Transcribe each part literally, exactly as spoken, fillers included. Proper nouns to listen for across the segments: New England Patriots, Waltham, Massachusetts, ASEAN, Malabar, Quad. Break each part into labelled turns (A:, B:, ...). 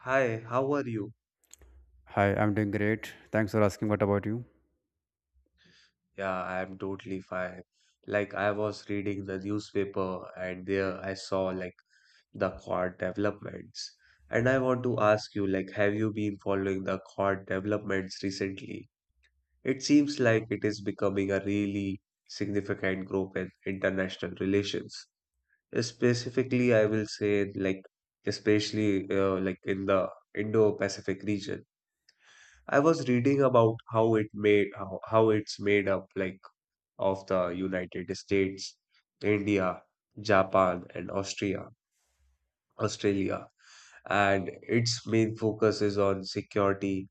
A: Hi, how are you?
B: Hi, I'm doing great. Thanks for asking. What about you?
A: Yeah, I'm totally fine. Like I was reading the newspaper and there I saw like the court developments. And I want to ask you like have you been following the court developments recently? It seems like it is becoming a really significant group in international relations. Specifically, I will say like especially uh, like in the Indo-Pacific region. I was reading about how it made how, how it's made up like of the United States, India, Japan, and Austria, Australia, and its main focus is on security,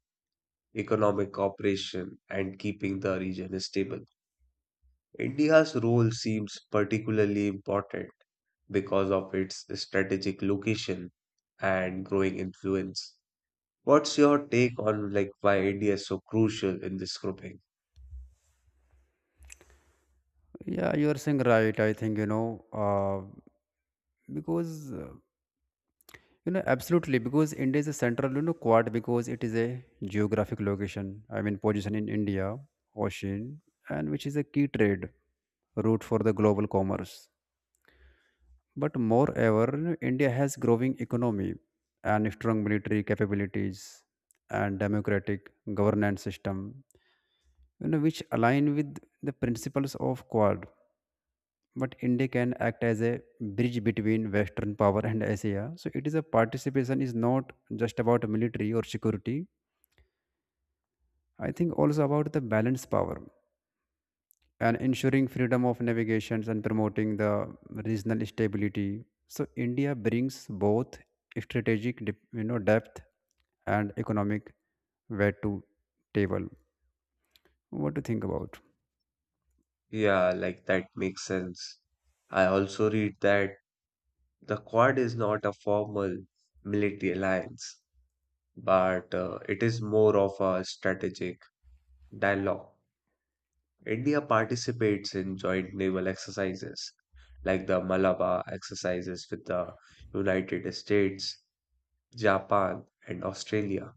A: economic cooperation, and keeping the region stable. India's role seems particularly important because of its strategic location and growing influence. What's your take on like why India is so crucial in this grouping?
B: Yeah, you are saying right. I think you know uh, because uh, you know absolutely because India is a central you know quad because it is a geographic location. I mean position in India ocean and which is a key trade route for the global commerce. But moreover, you know, India has growing economy and strong military capabilities and democratic governance system, you know, which align with the principles of Quad but India can act as a bridge between Western power and Asia. So it is a participation is not just about military or security. I think also about the balanced power and ensuring freedom of navigations and promoting the regional stability. So India brings both strategic, dep- you know, depth and economic weight to table. What do you think about?
A: Yeah, like that makes sense. I also read that the Quad is not a formal military alliance, but uh, it is more of a strategic dialogue. India participates in joint naval exercises like the Malabar exercises with the United States, Japan, and Australia.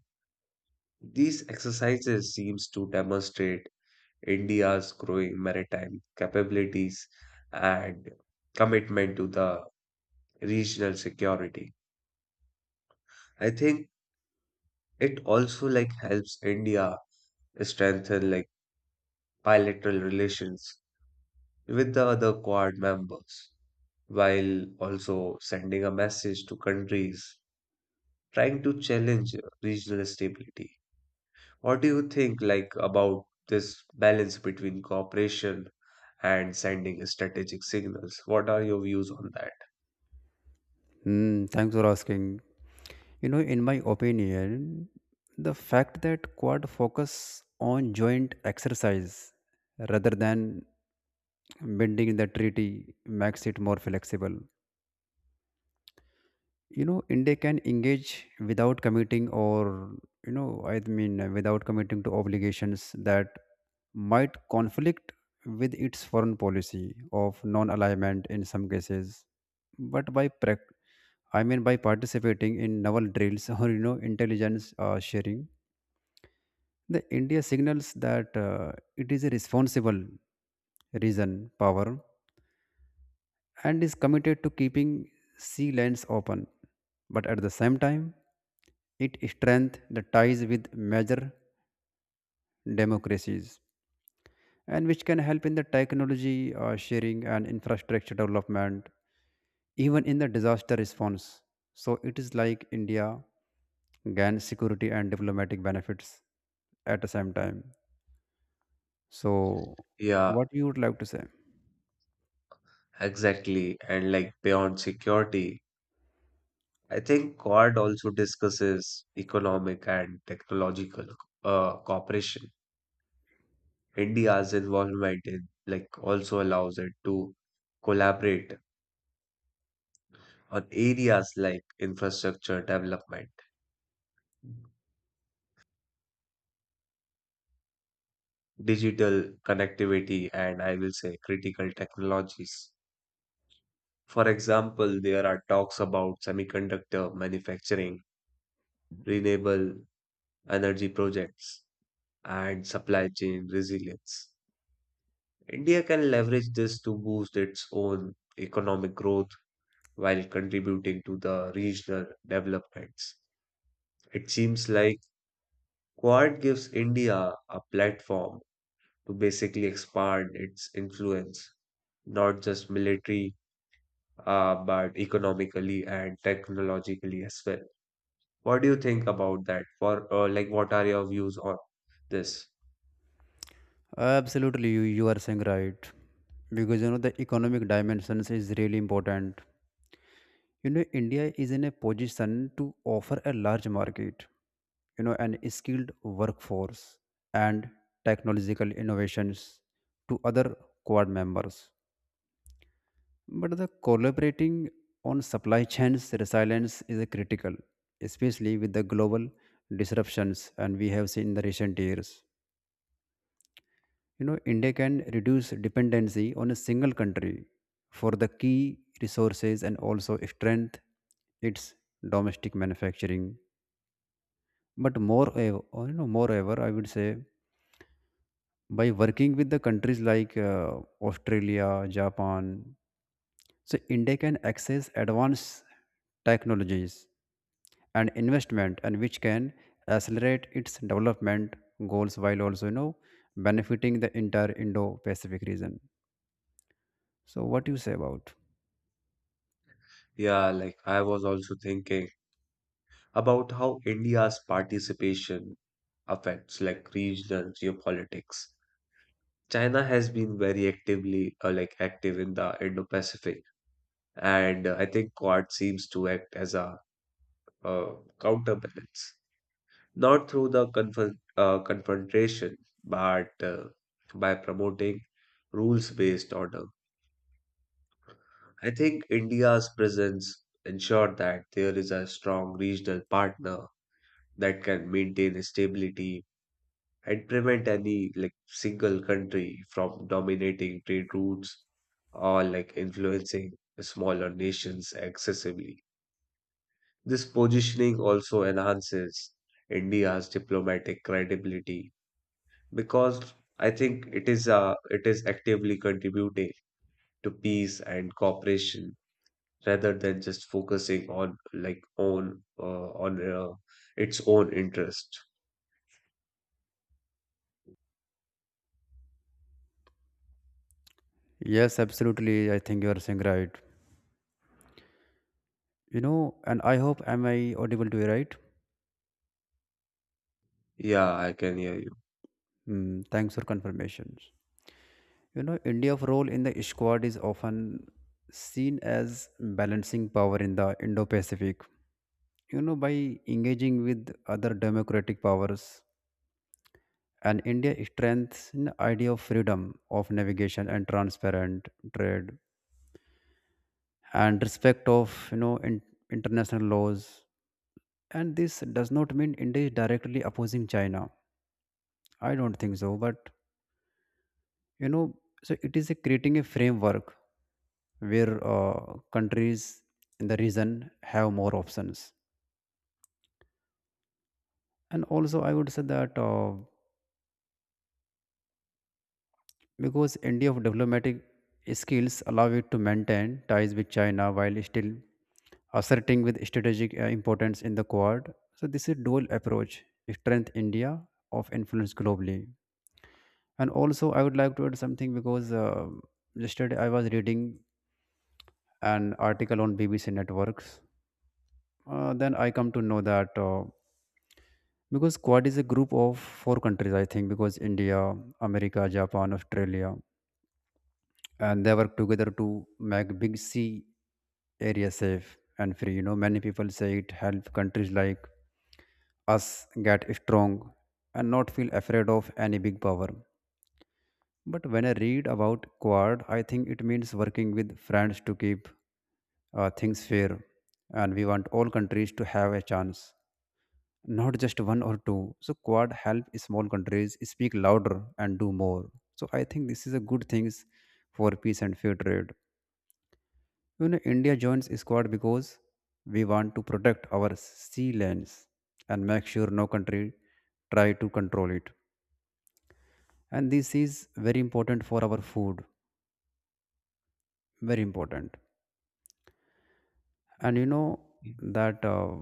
A: These exercises seems to demonstrate India's growing maritime capabilities and commitment to the regional security. I think it also like helps India strengthen like bilateral relations with the other Quad members, while also sending a message to countries trying to challenge regional stability. What do you think like about this balance between cooperation and sending strategic signals? What are your views on that?
B: Hmm, thanks for asking. You know, in my opinion, the fact that quad focus on joint exercise rather than bending the treaty makes it more flexible. You know, India can engage without committing or, you know, I mean, uh, without committing to obligations that might conflict with its foreign policy of non-alignment in some cases. But by prac I mean by participating in naval drills or you know intelligence uh, sharing. The India signals that uh, it is a responsible region power and is committed to keeping sea lanes open. But at the same time, it strengthens the ties with major democracies and which can help in the technology uh, sharing and infrastructure development, even in the disaster response. So it is like India gains security and diplomatic benefits at the same time. So
A: Yeah,
B: what you would like to say?
A: exactly. And like beyond security, I think Quad also discusses economic and technological uh, cooperation. India's involvement in like also allows it to collaborate on areas like infrastructure development, digital connectivity, and I will say critical technologies. For example, there are talks about semiconductor manufacturing, renewable energy projects, and supply chain resilience. India can leverage this to boost its own economic growth while contributing to the regional developments. It seems like Quad gives India a platform to basically expand its influence, not just military, uh, but economically and technologically as well. What do you think about that? For uh, like, what are your views on this?
B: Absolutely, you, you are saying right. Because you know the economic dimensions is really important. You know, India is in a position to offer a large market, you know, and skilled workforce and technological innovations to other Quad members. But the collaborating on supply chains resilience is a critical, especially with the global disruptions and we have seen in the recent years. You know, India can reduce dependency on a single country for the key resources and also strength its domestic manufacturing. But moreover, you know, moreover, I would say by working with the countries like uh, Australia, Japan, so India can access advanced technologies and investment, and which can accelerate its development goals while also you know benefiting the entire Indo-Pacific region. So what you say about?
A: Yeah, like I was also thinking about how India's participation affects like regional geopolitics. China has been very actively uh, like active in the Indo-Pacific, and uh, I think Quad seems to act as a uh, counterbalance, not through the confront uh, confrontation, but uh, by promoting rules-based order. I think India's presence ensured that there is a strong regional partner that can maintain stability and prevent any like single country from dominating trade routes or like influencing smaller nations excessively. This positioning also enhances India's diplomatic credibility because I think it is uh, it is actively contributing to peace and cooperation rather than just focusing on like own uh, on uh, its own interest.
B: Yes, absolutely. I think you are saying right. You know, and I hope am I audible to you, right?
A: Yeah, I can hear
B: Hmm, thanks for confirmations. You know, India's role in the squad is often seen as balancing power in the Indo-Pacific. You know, by engaging with other democratic powers, and India strengthens the idea of freedom of navigation and transparent trade and respect of you know in, international laws, and this does not mean india is directly opposing china. I don't think so, but you know, so it is a creating a framework where uh, countries in the region have more options. And also I would say that uh, because india of diplomatic skills allow it to maintain ties with china while still asserting with strategic uh, importance in the quad. So this is dual approach strength india of influence globally. And also I would like to add something because uh, yesterday I was reading an article on b b c networks. Uh, then I come to know that uh, because quad is a group of four countries, I think because india, america, japan, australia, and they work together to make big sea area safe and free. You know, many people say it help countries like us get strong and not feel afraid of any big power. But when I read about quad, I think it means working with friends to keep uh, things fair. And we want all countries to have a chance, not just one or two. So quad help small countries speak louder and do more. So I think this is a good things for peace and fair trade. You know, India joins squad because we want to protect our sea lands and make sure no country try to control it. And this is very important for our food. Very important. And you know
A: you.
B: that uh,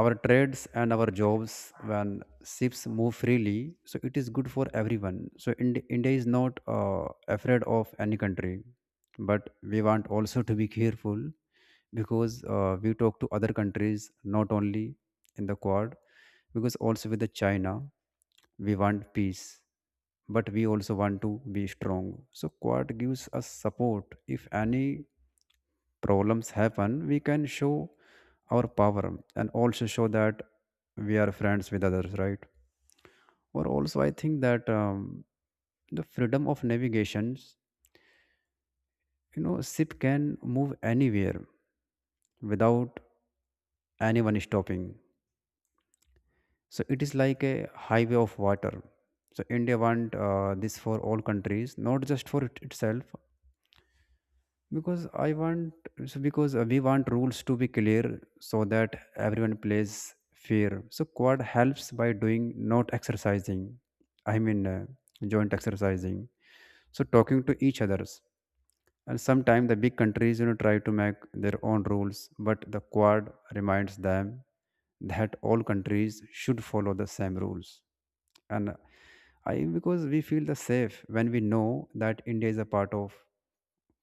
B: our trades and our jobs when ships move freely, so it is good for everyone. So Ind- india is not uh, afraid of any country, but we want also to be careful because uh, we talk to other countries not only in the Quad because also with the China, we want peace, but we also want to be strong. So Quad gives us support. If any problems happen, we can show our power and also show that we are friends with others, right? Or also, I think that um, the freedom of navigations, you know, ship can move anywhere without anyone stopping, so it is like a highway of water. So india want uh, this for all countries, not just for it itself, because I want. So because uh, we want rules to be clear so that everyone plays fair. So quad helps by doing not exercising I mean uh, joint exercising, so talking to each others. And sometimes the big countries, you know, try to make their own rules, but the Quad reminds them that all countries should follow the same rules. And I, because we feel the safe when we know that India is a part of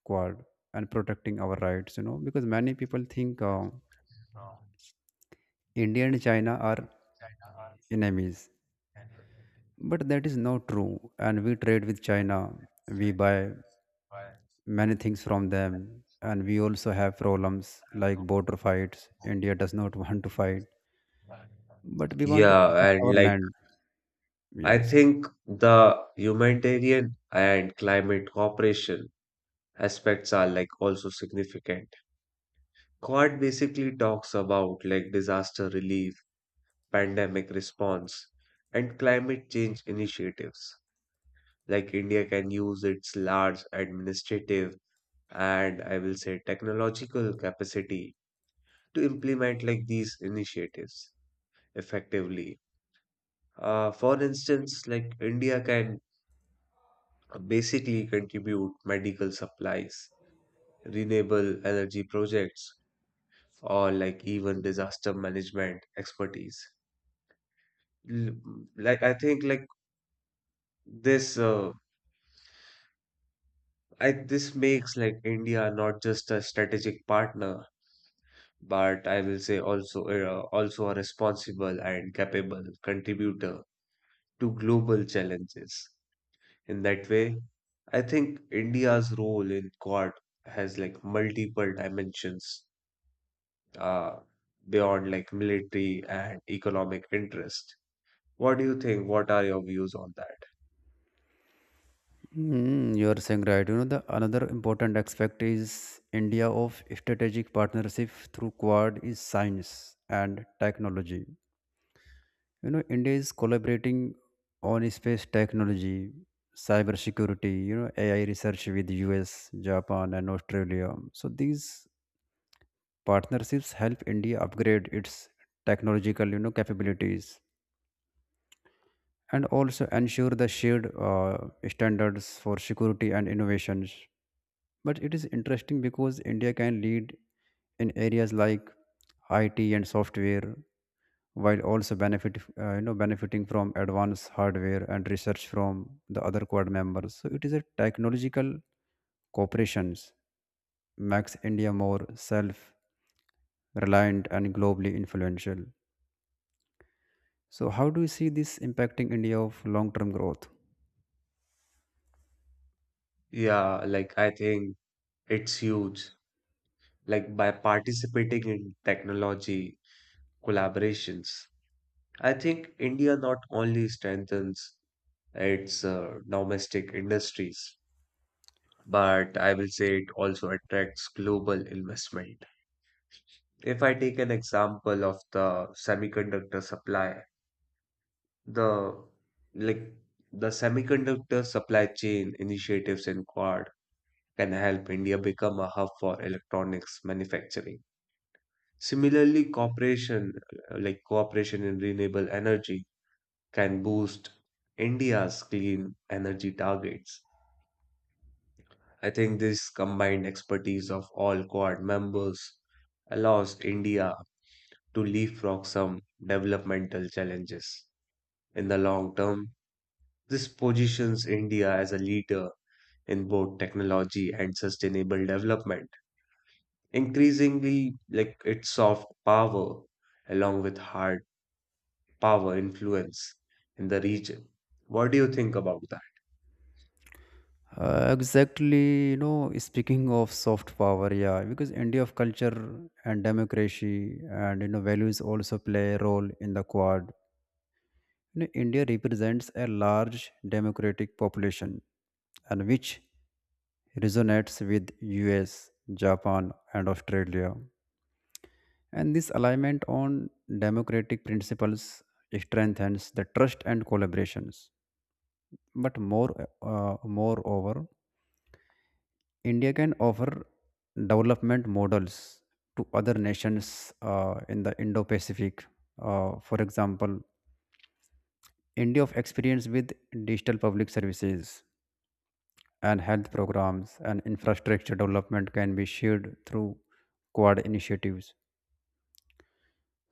B: Quad and protecting our rights, you know, because many people think uh, India and China are enemies,
A: And resulting
B: but that is not true. And we trade with China, we
A: China,
B: buy
A: while
B: many things from them,
A: from
B: and we also have problems like border fights. India does not want to fight,
A: the.
B: but we want to
A: Yeah,
B: protect our
A: and like
B: land.
A: I
B: Yes.
A: think the humanitarian and climate cooperation aspects are like also significant. Quad basically talks about like disaster relief, pandemic response, and climate change initiatives. Like India can use its large administrative and I will say technological capacity to implement like these initiatives effectively. Uh, for instance, like India can basically contribute medical supplies, renewable energy projects, or like even disaster management expertise. L- Like I think like this uh, I this makes like India not just a strategic partner, but I will say also uh, also a responsible and capable contributor to global challenges. In that way, I think India's role in Quad has like multiple dimensions uh, beyond like military and economic interest. What do you think? What are your views on that?
B: Mm, you are saying right. You know, the another important aspect is India of strategic partnership through Quad is science and technology. You know, India is collaborating on space technology, cyber security, you know, A I research with U S, Japan and Australia. So these Partnerships help India upgrade its technological you know, capabilities and also ensure the shared uh, standards for security and innovations. But it is interesting because India can lead in areas like I T and software while also benefit uh, you know benefiting from advanced hardware and research from the other quad members. So it is a technological cooperations makes India more self reliant and globally influential. So, how do you see this impacting India of long-term growth?
A: Yeah, like I think it's huge. Like by participating in technology collaborations, I think India not only strengthens its uh, domestic industries, but I will say it also attracts global investment. If I take an example of the semiconductor supply, the like the semiconductor supply chain initiatives in Quad can help India become a hub for electronics manufacturing. Similarly, cooperation uh, like cooperation in renewable energy can boost India's clean energy targets. I think this combined expertise of all Quad members allows India to leapfrog some developmental challenges. In the long term, this positions India as a leader in both technology and sustainable development, increasingly like its soft power along with hard power influence in the region. What do you think about that?
B: Uh, exactly, you know, speaking of soft power, yeah, because India of culture and democracy and you know values also play a role in the Quad. You know, India represents a large democratic population, and which resonates with U S, Japan, and Australia. And this alignment on democratic principles strengthens the trust and collaborations. But more uh, moreover india can offer development models to other nations uh, in the indo-pacific. Uh, for example, india of experience with digital public services and health programs and infrastructure development can be shared through quad initiatives.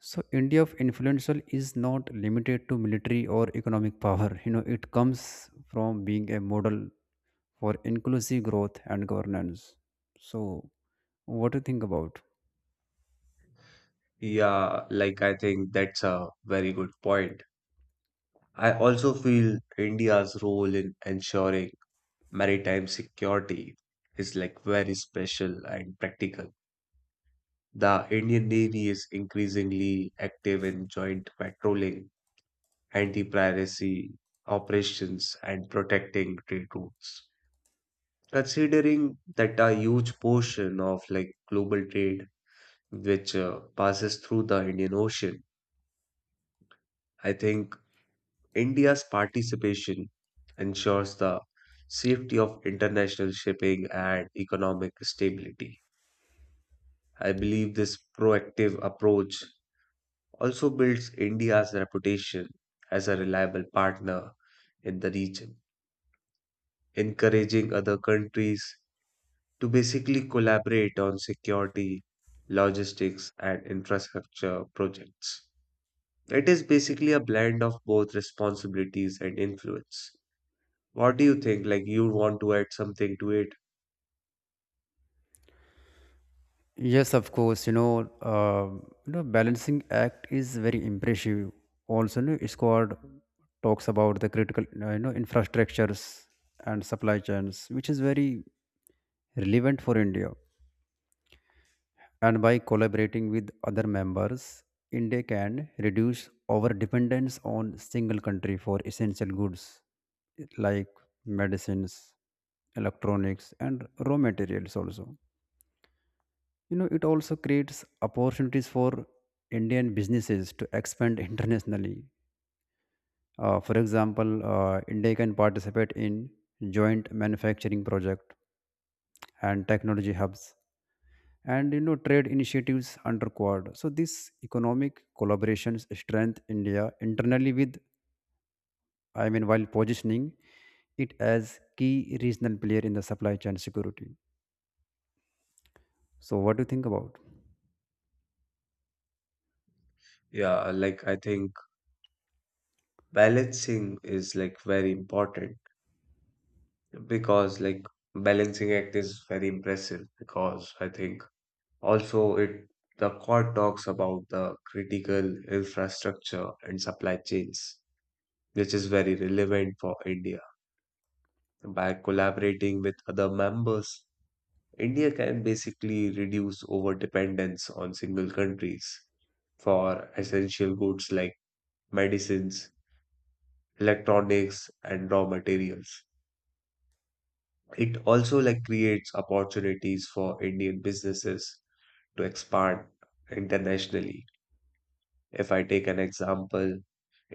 B: So India of influential is not limited to military or economic power. You know, it comes from being a model for inclusive growth and governance. So, what do you think about?
A: Yeah, like I think that's a very good point. I also feel India's role in ensuring maritime security is like very special and practical. The Indian Navy is increasingly active in joint patrolling, anti-piracy operations, and protecting trade routes. Considering that a huge portion of like global trade which uh, passes through the Indian Ocean, I think India's participation ensures the safety of international shipping and economic stability. I believe this proactive approach also builds India's reputation as a reliable partner in the region, encouraging other countries to basically collaborate on security, logistics, and infrastructure projects. It is basically a blend of both responsibilities and influence. What do you think? Like, you want to add something to it?
B: Yes, of course. You know, uh, you know, balancing act is very impressive. Also, you know, squad talks about the critical, uh, you know, infrastructures and supply chains, which is very relevant for India. And by collaborating with other members, India can reduce our dependence on single country for essential goods like medicines, electronics, and raw materials. Also, you know, it also creates opportunities for Indian businesses to expand internationally. Uh, for example, uh, India can participate in joint manufacturing project and technology hubs and you know trade initiatives under quad. So this economic collaborations strength india internally with I mean while positioning it as key regional player in the supply chain security. So what do you think about?
A: Yeah, like, I think balancing is like very important because, like, balancing act is very impressive because I think. Also, it the court talks about the critical infrastructure and supply chains, which is very relevant for India. By collaborating with other members, India can basically reduce over dependence on single countries for essential goods like medicines, electronics, and raw materials. It also like creates opportunities for Indian businesses to expand internationally. If I take an example,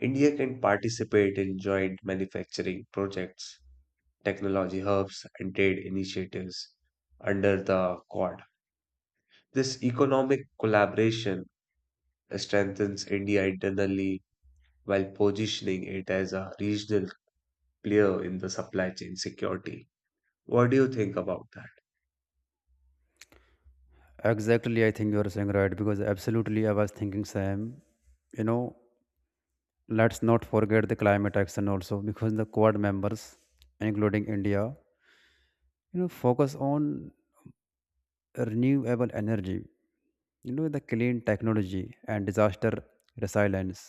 A: India can participate in joint manufacturing projects, technology hubs, and trade initiatives under the Quad. This economic collaboration strengthens India internally while positioning it as a regional player in the supply chain security. What do you think about that?
B: Exactly, I think you are saying right, because absolutely I was thinking same. You know, let's not forget the climate action also, because the quad members including india, you know, focus on renewable energy, you know, the clean technology and disaster resilience.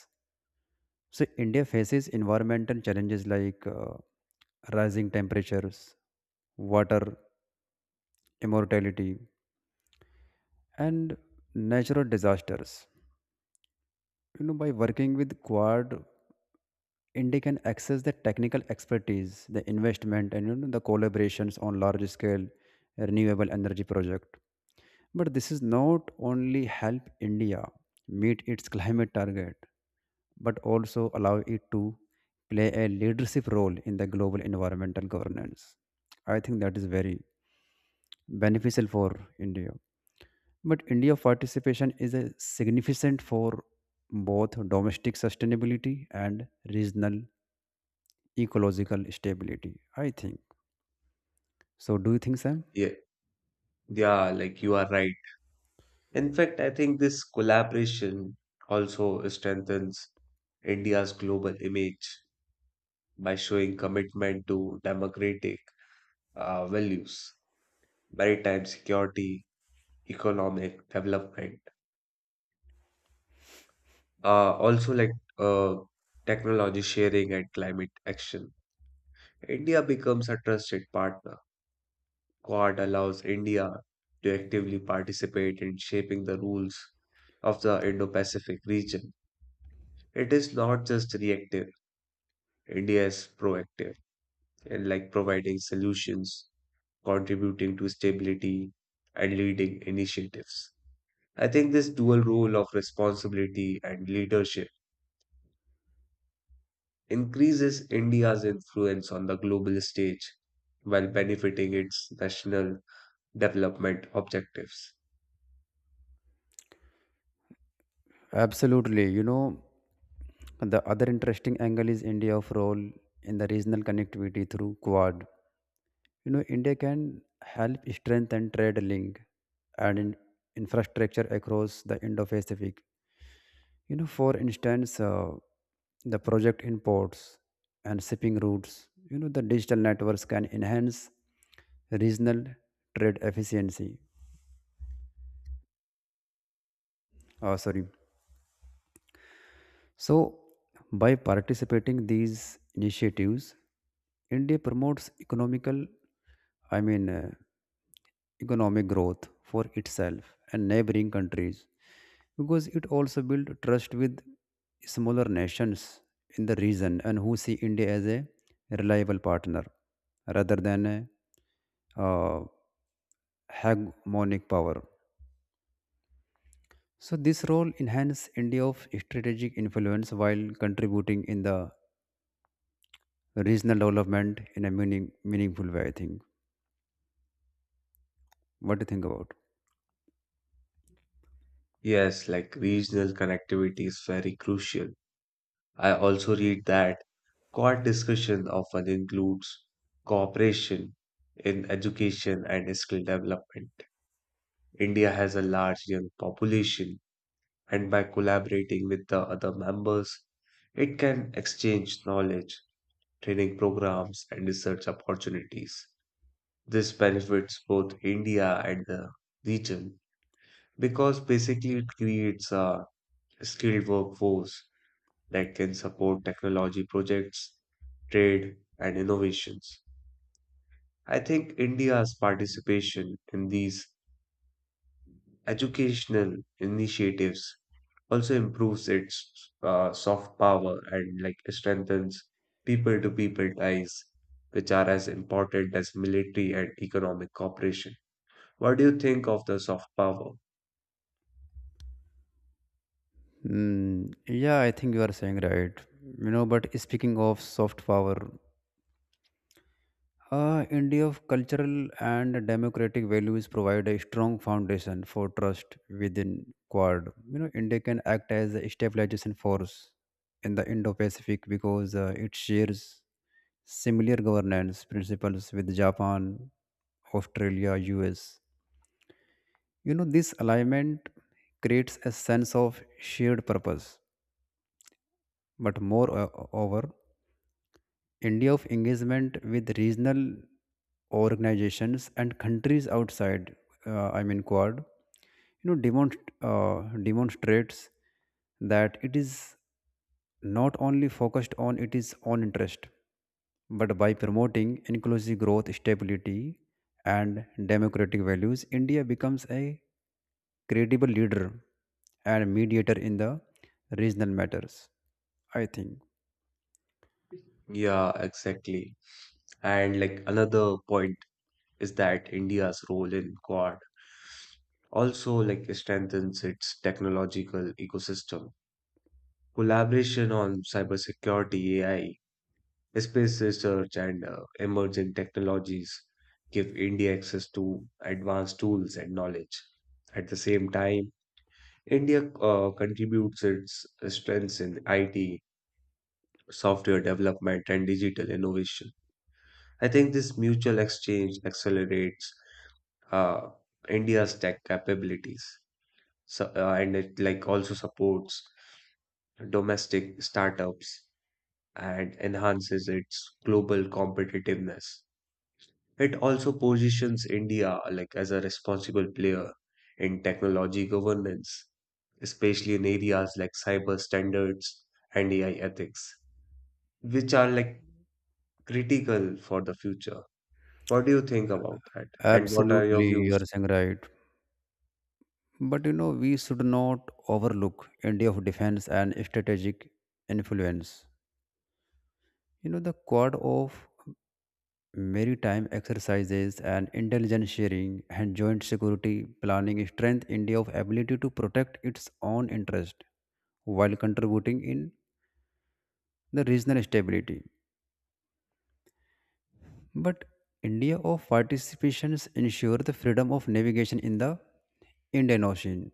B: So india faces environmental challenges like uh, rising temperatures, water immortality, and natural disasters. You know, by working with quad, india can access the technical expertise, the investment, and you know the collaborations on large scale renewable energy project. But this is not only help india meet its climate target, but also allow it to play a leadership role in the global environmental governance. I think that is very beneficial for India. But India's participation is a significant for both domestic sustainability and regional ecological stability, I think. So do you think Sam?
A: Yeah, yeah, like you are right. In fact, I think this collaboration also strengthens India's global image by showing commitment to democratic uh, values, maritime security, economic development, uh, also like uh, technology sharing and climate action. India becomes a trusted partner. Quad allows India to actively participate in shaping the rules of the Indo Pacific region. It is not just reactive, India is proactive and like providing solutions, contributing to stability, and leading initiatives. I think this dual role of responsibility and leadership increases India's influence on the global stage while benefiting its national development objectives.
B: Absolutely. You know, the other interesting angle is India's role in the regional connectivity through Quad. You know, India can help strengthen trade link and in infrastructure across the Indo-Pacific. You know, for instance, uh, the project imports and shipping routes. You know, the digital networks can enhance regional trade efficiency. Uh, sorry. So, by participating these initiatives, India promotes economical I mean, uh, economic growth for itself and neighboring countries because it also built trust with smaller nations in the region and who see India as a reliable partner rather than a uh, hegemonic power. So this role enhanced India of strategic influence while contributing in the regional development in a meaning, meaningful way, I think. What do you think about?
A: Yes, like regional connectivity is very crucial. I also read that core discussion often includes cooperation in education and skill development. India has a large young population and by collaborating with the other members, it can exchange knowledge, training programs, and research opportunities. This benefits both India and the region because basically it creates a skilled workforce that can support technology projects, trade, and innovations. I think India's participation in these educational initiatives also improves its uh, soft power and like strengthens people to people ties, which are as important as military and economic cooperation. What do you think of the soft power?
B: Mm, yeah, I think you are saying right. You know, but speaking of soft power, uh, India cultural and democratic values provide a strong foundation for trust within Quad. You know, India can act as a stabilization force in the Indo-Pacific because uh, it shares similar governance principles with Japan, Australia, U S. You know, this alignment creates a sense of shared purpose. But more uh, over india of engagement with regional organizations and countries outside, uh, I mean Quad, you know, demonst- uh, demonstrates that it is not only focused on its own interest, but by promoting inclusive growth, stability, and democratic values, India becomes a credible leader and mediator in the regional matters, I think.
A: Yeah, exactly. And like another point is that India's role in Quad also like strengthens its technological ecosystem. Collaboration on cybersecurity, A I, space research and uh, emerging technologies give India access to advanced tools and knowledge. At the same time, India uh, contributes its strengths in I T, software development, and digital innovation. I think this mutual exchange accelerates uh, India's tech capabilities, so, uh, and it like also supports domestic startups and enhances its global competitiveness. It also positions India like as a responsible player in technology governance, especially in areas like cyber standards and A I ethics, which are like critical for the future. What do you think about that? And what are your
B: Absolutely,
A: views?
B: you are saying right. But you know, we should not overlook India of defense and strategic influence. You know, the Quad of maritime exercises and intelligence sharing and joint security planning strength India of ability to protect its own interest while contributing in the regional stability. But India of participations ensure the freedom of navigation in the Indian Ocean,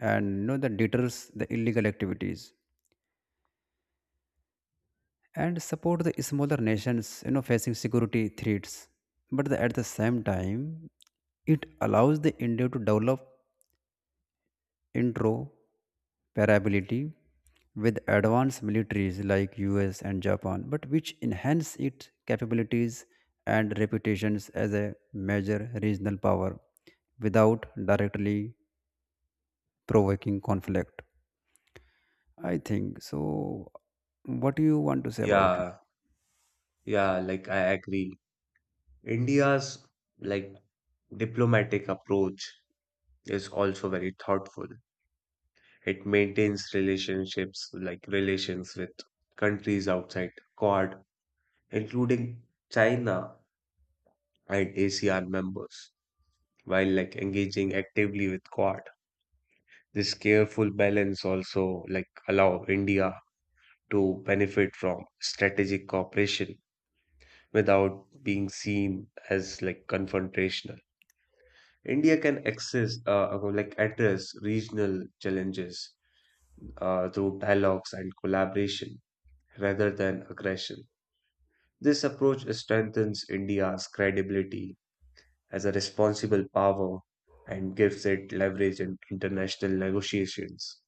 B: and you know that deters the illegal activities and support the smaller nations you know facing security threats. But the- at the same time, it allows the india to develop interoperability with advanced militaries like us and japan, but which enhance its capabilities and reputations as a major regional power without directly provoking conflict, I think. So what do you want to say about it?
A: Yeah, yeah, like I agree. India's like diplomatic approach is also very thoughtful. It maintains relationships like relations with countries outside C O D, including China and ASEAN members, while like engaging actively with Quad. This careful balance also like allow India to benefit from strategic cooperation without being seen as like confrontational. India can access uh, uh, like address regional challenges uh, through dialogues and collaboration rather than aggression. This approach strengthens India's credibility as a responsible power and gives it leverage in international negotiations,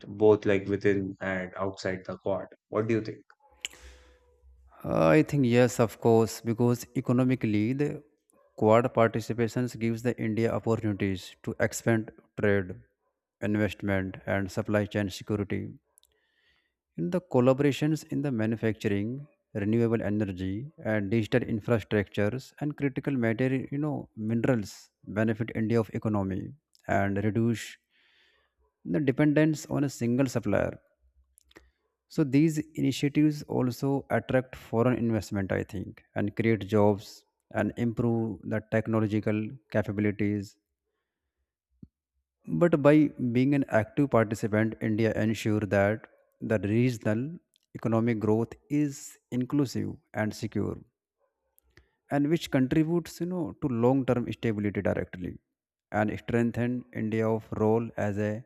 A: both like within and outside the Quad. What do you think?
B: I think yes, of course, because economically the Quad participations gives the India opportunities to expand trade, investment, and supply chain security. In the collaborations in the manufacturing, renewable energy, and digital infrastructures and critical material, you know, minerals benefit India of economy and reduce the dependence on a single supplier. So these initiatives also attract foreign investment, I think, and create jobs and improve the technological capabilities. But by being an active participant, India ensure that the regional economic growth is inclusive and secure, and which contributes, you know, to long-term stability directly and strengthen India's role as a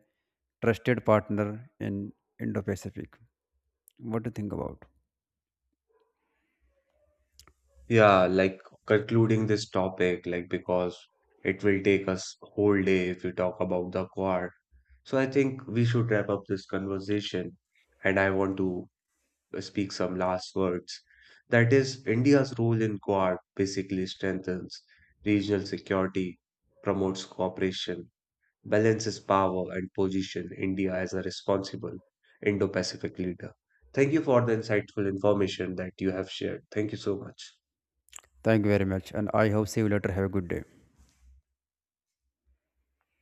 B: trusted partner in Indo-Pacific. What do you think about?
A: Yeah, like concluding this topic, like because it will take us whole day if we talk about the Quad. So I think we should wrap up this conversation, and I want to speak some last words. That is, India's role in Quad basically strengthens regional security, promotes cooperation, balances power and position India as a responsible Indo Pacific leader. Thank you for the insightful information that you have shared. Thank you so much.
B: Thank you very much, and I hope see you later. Have a good day.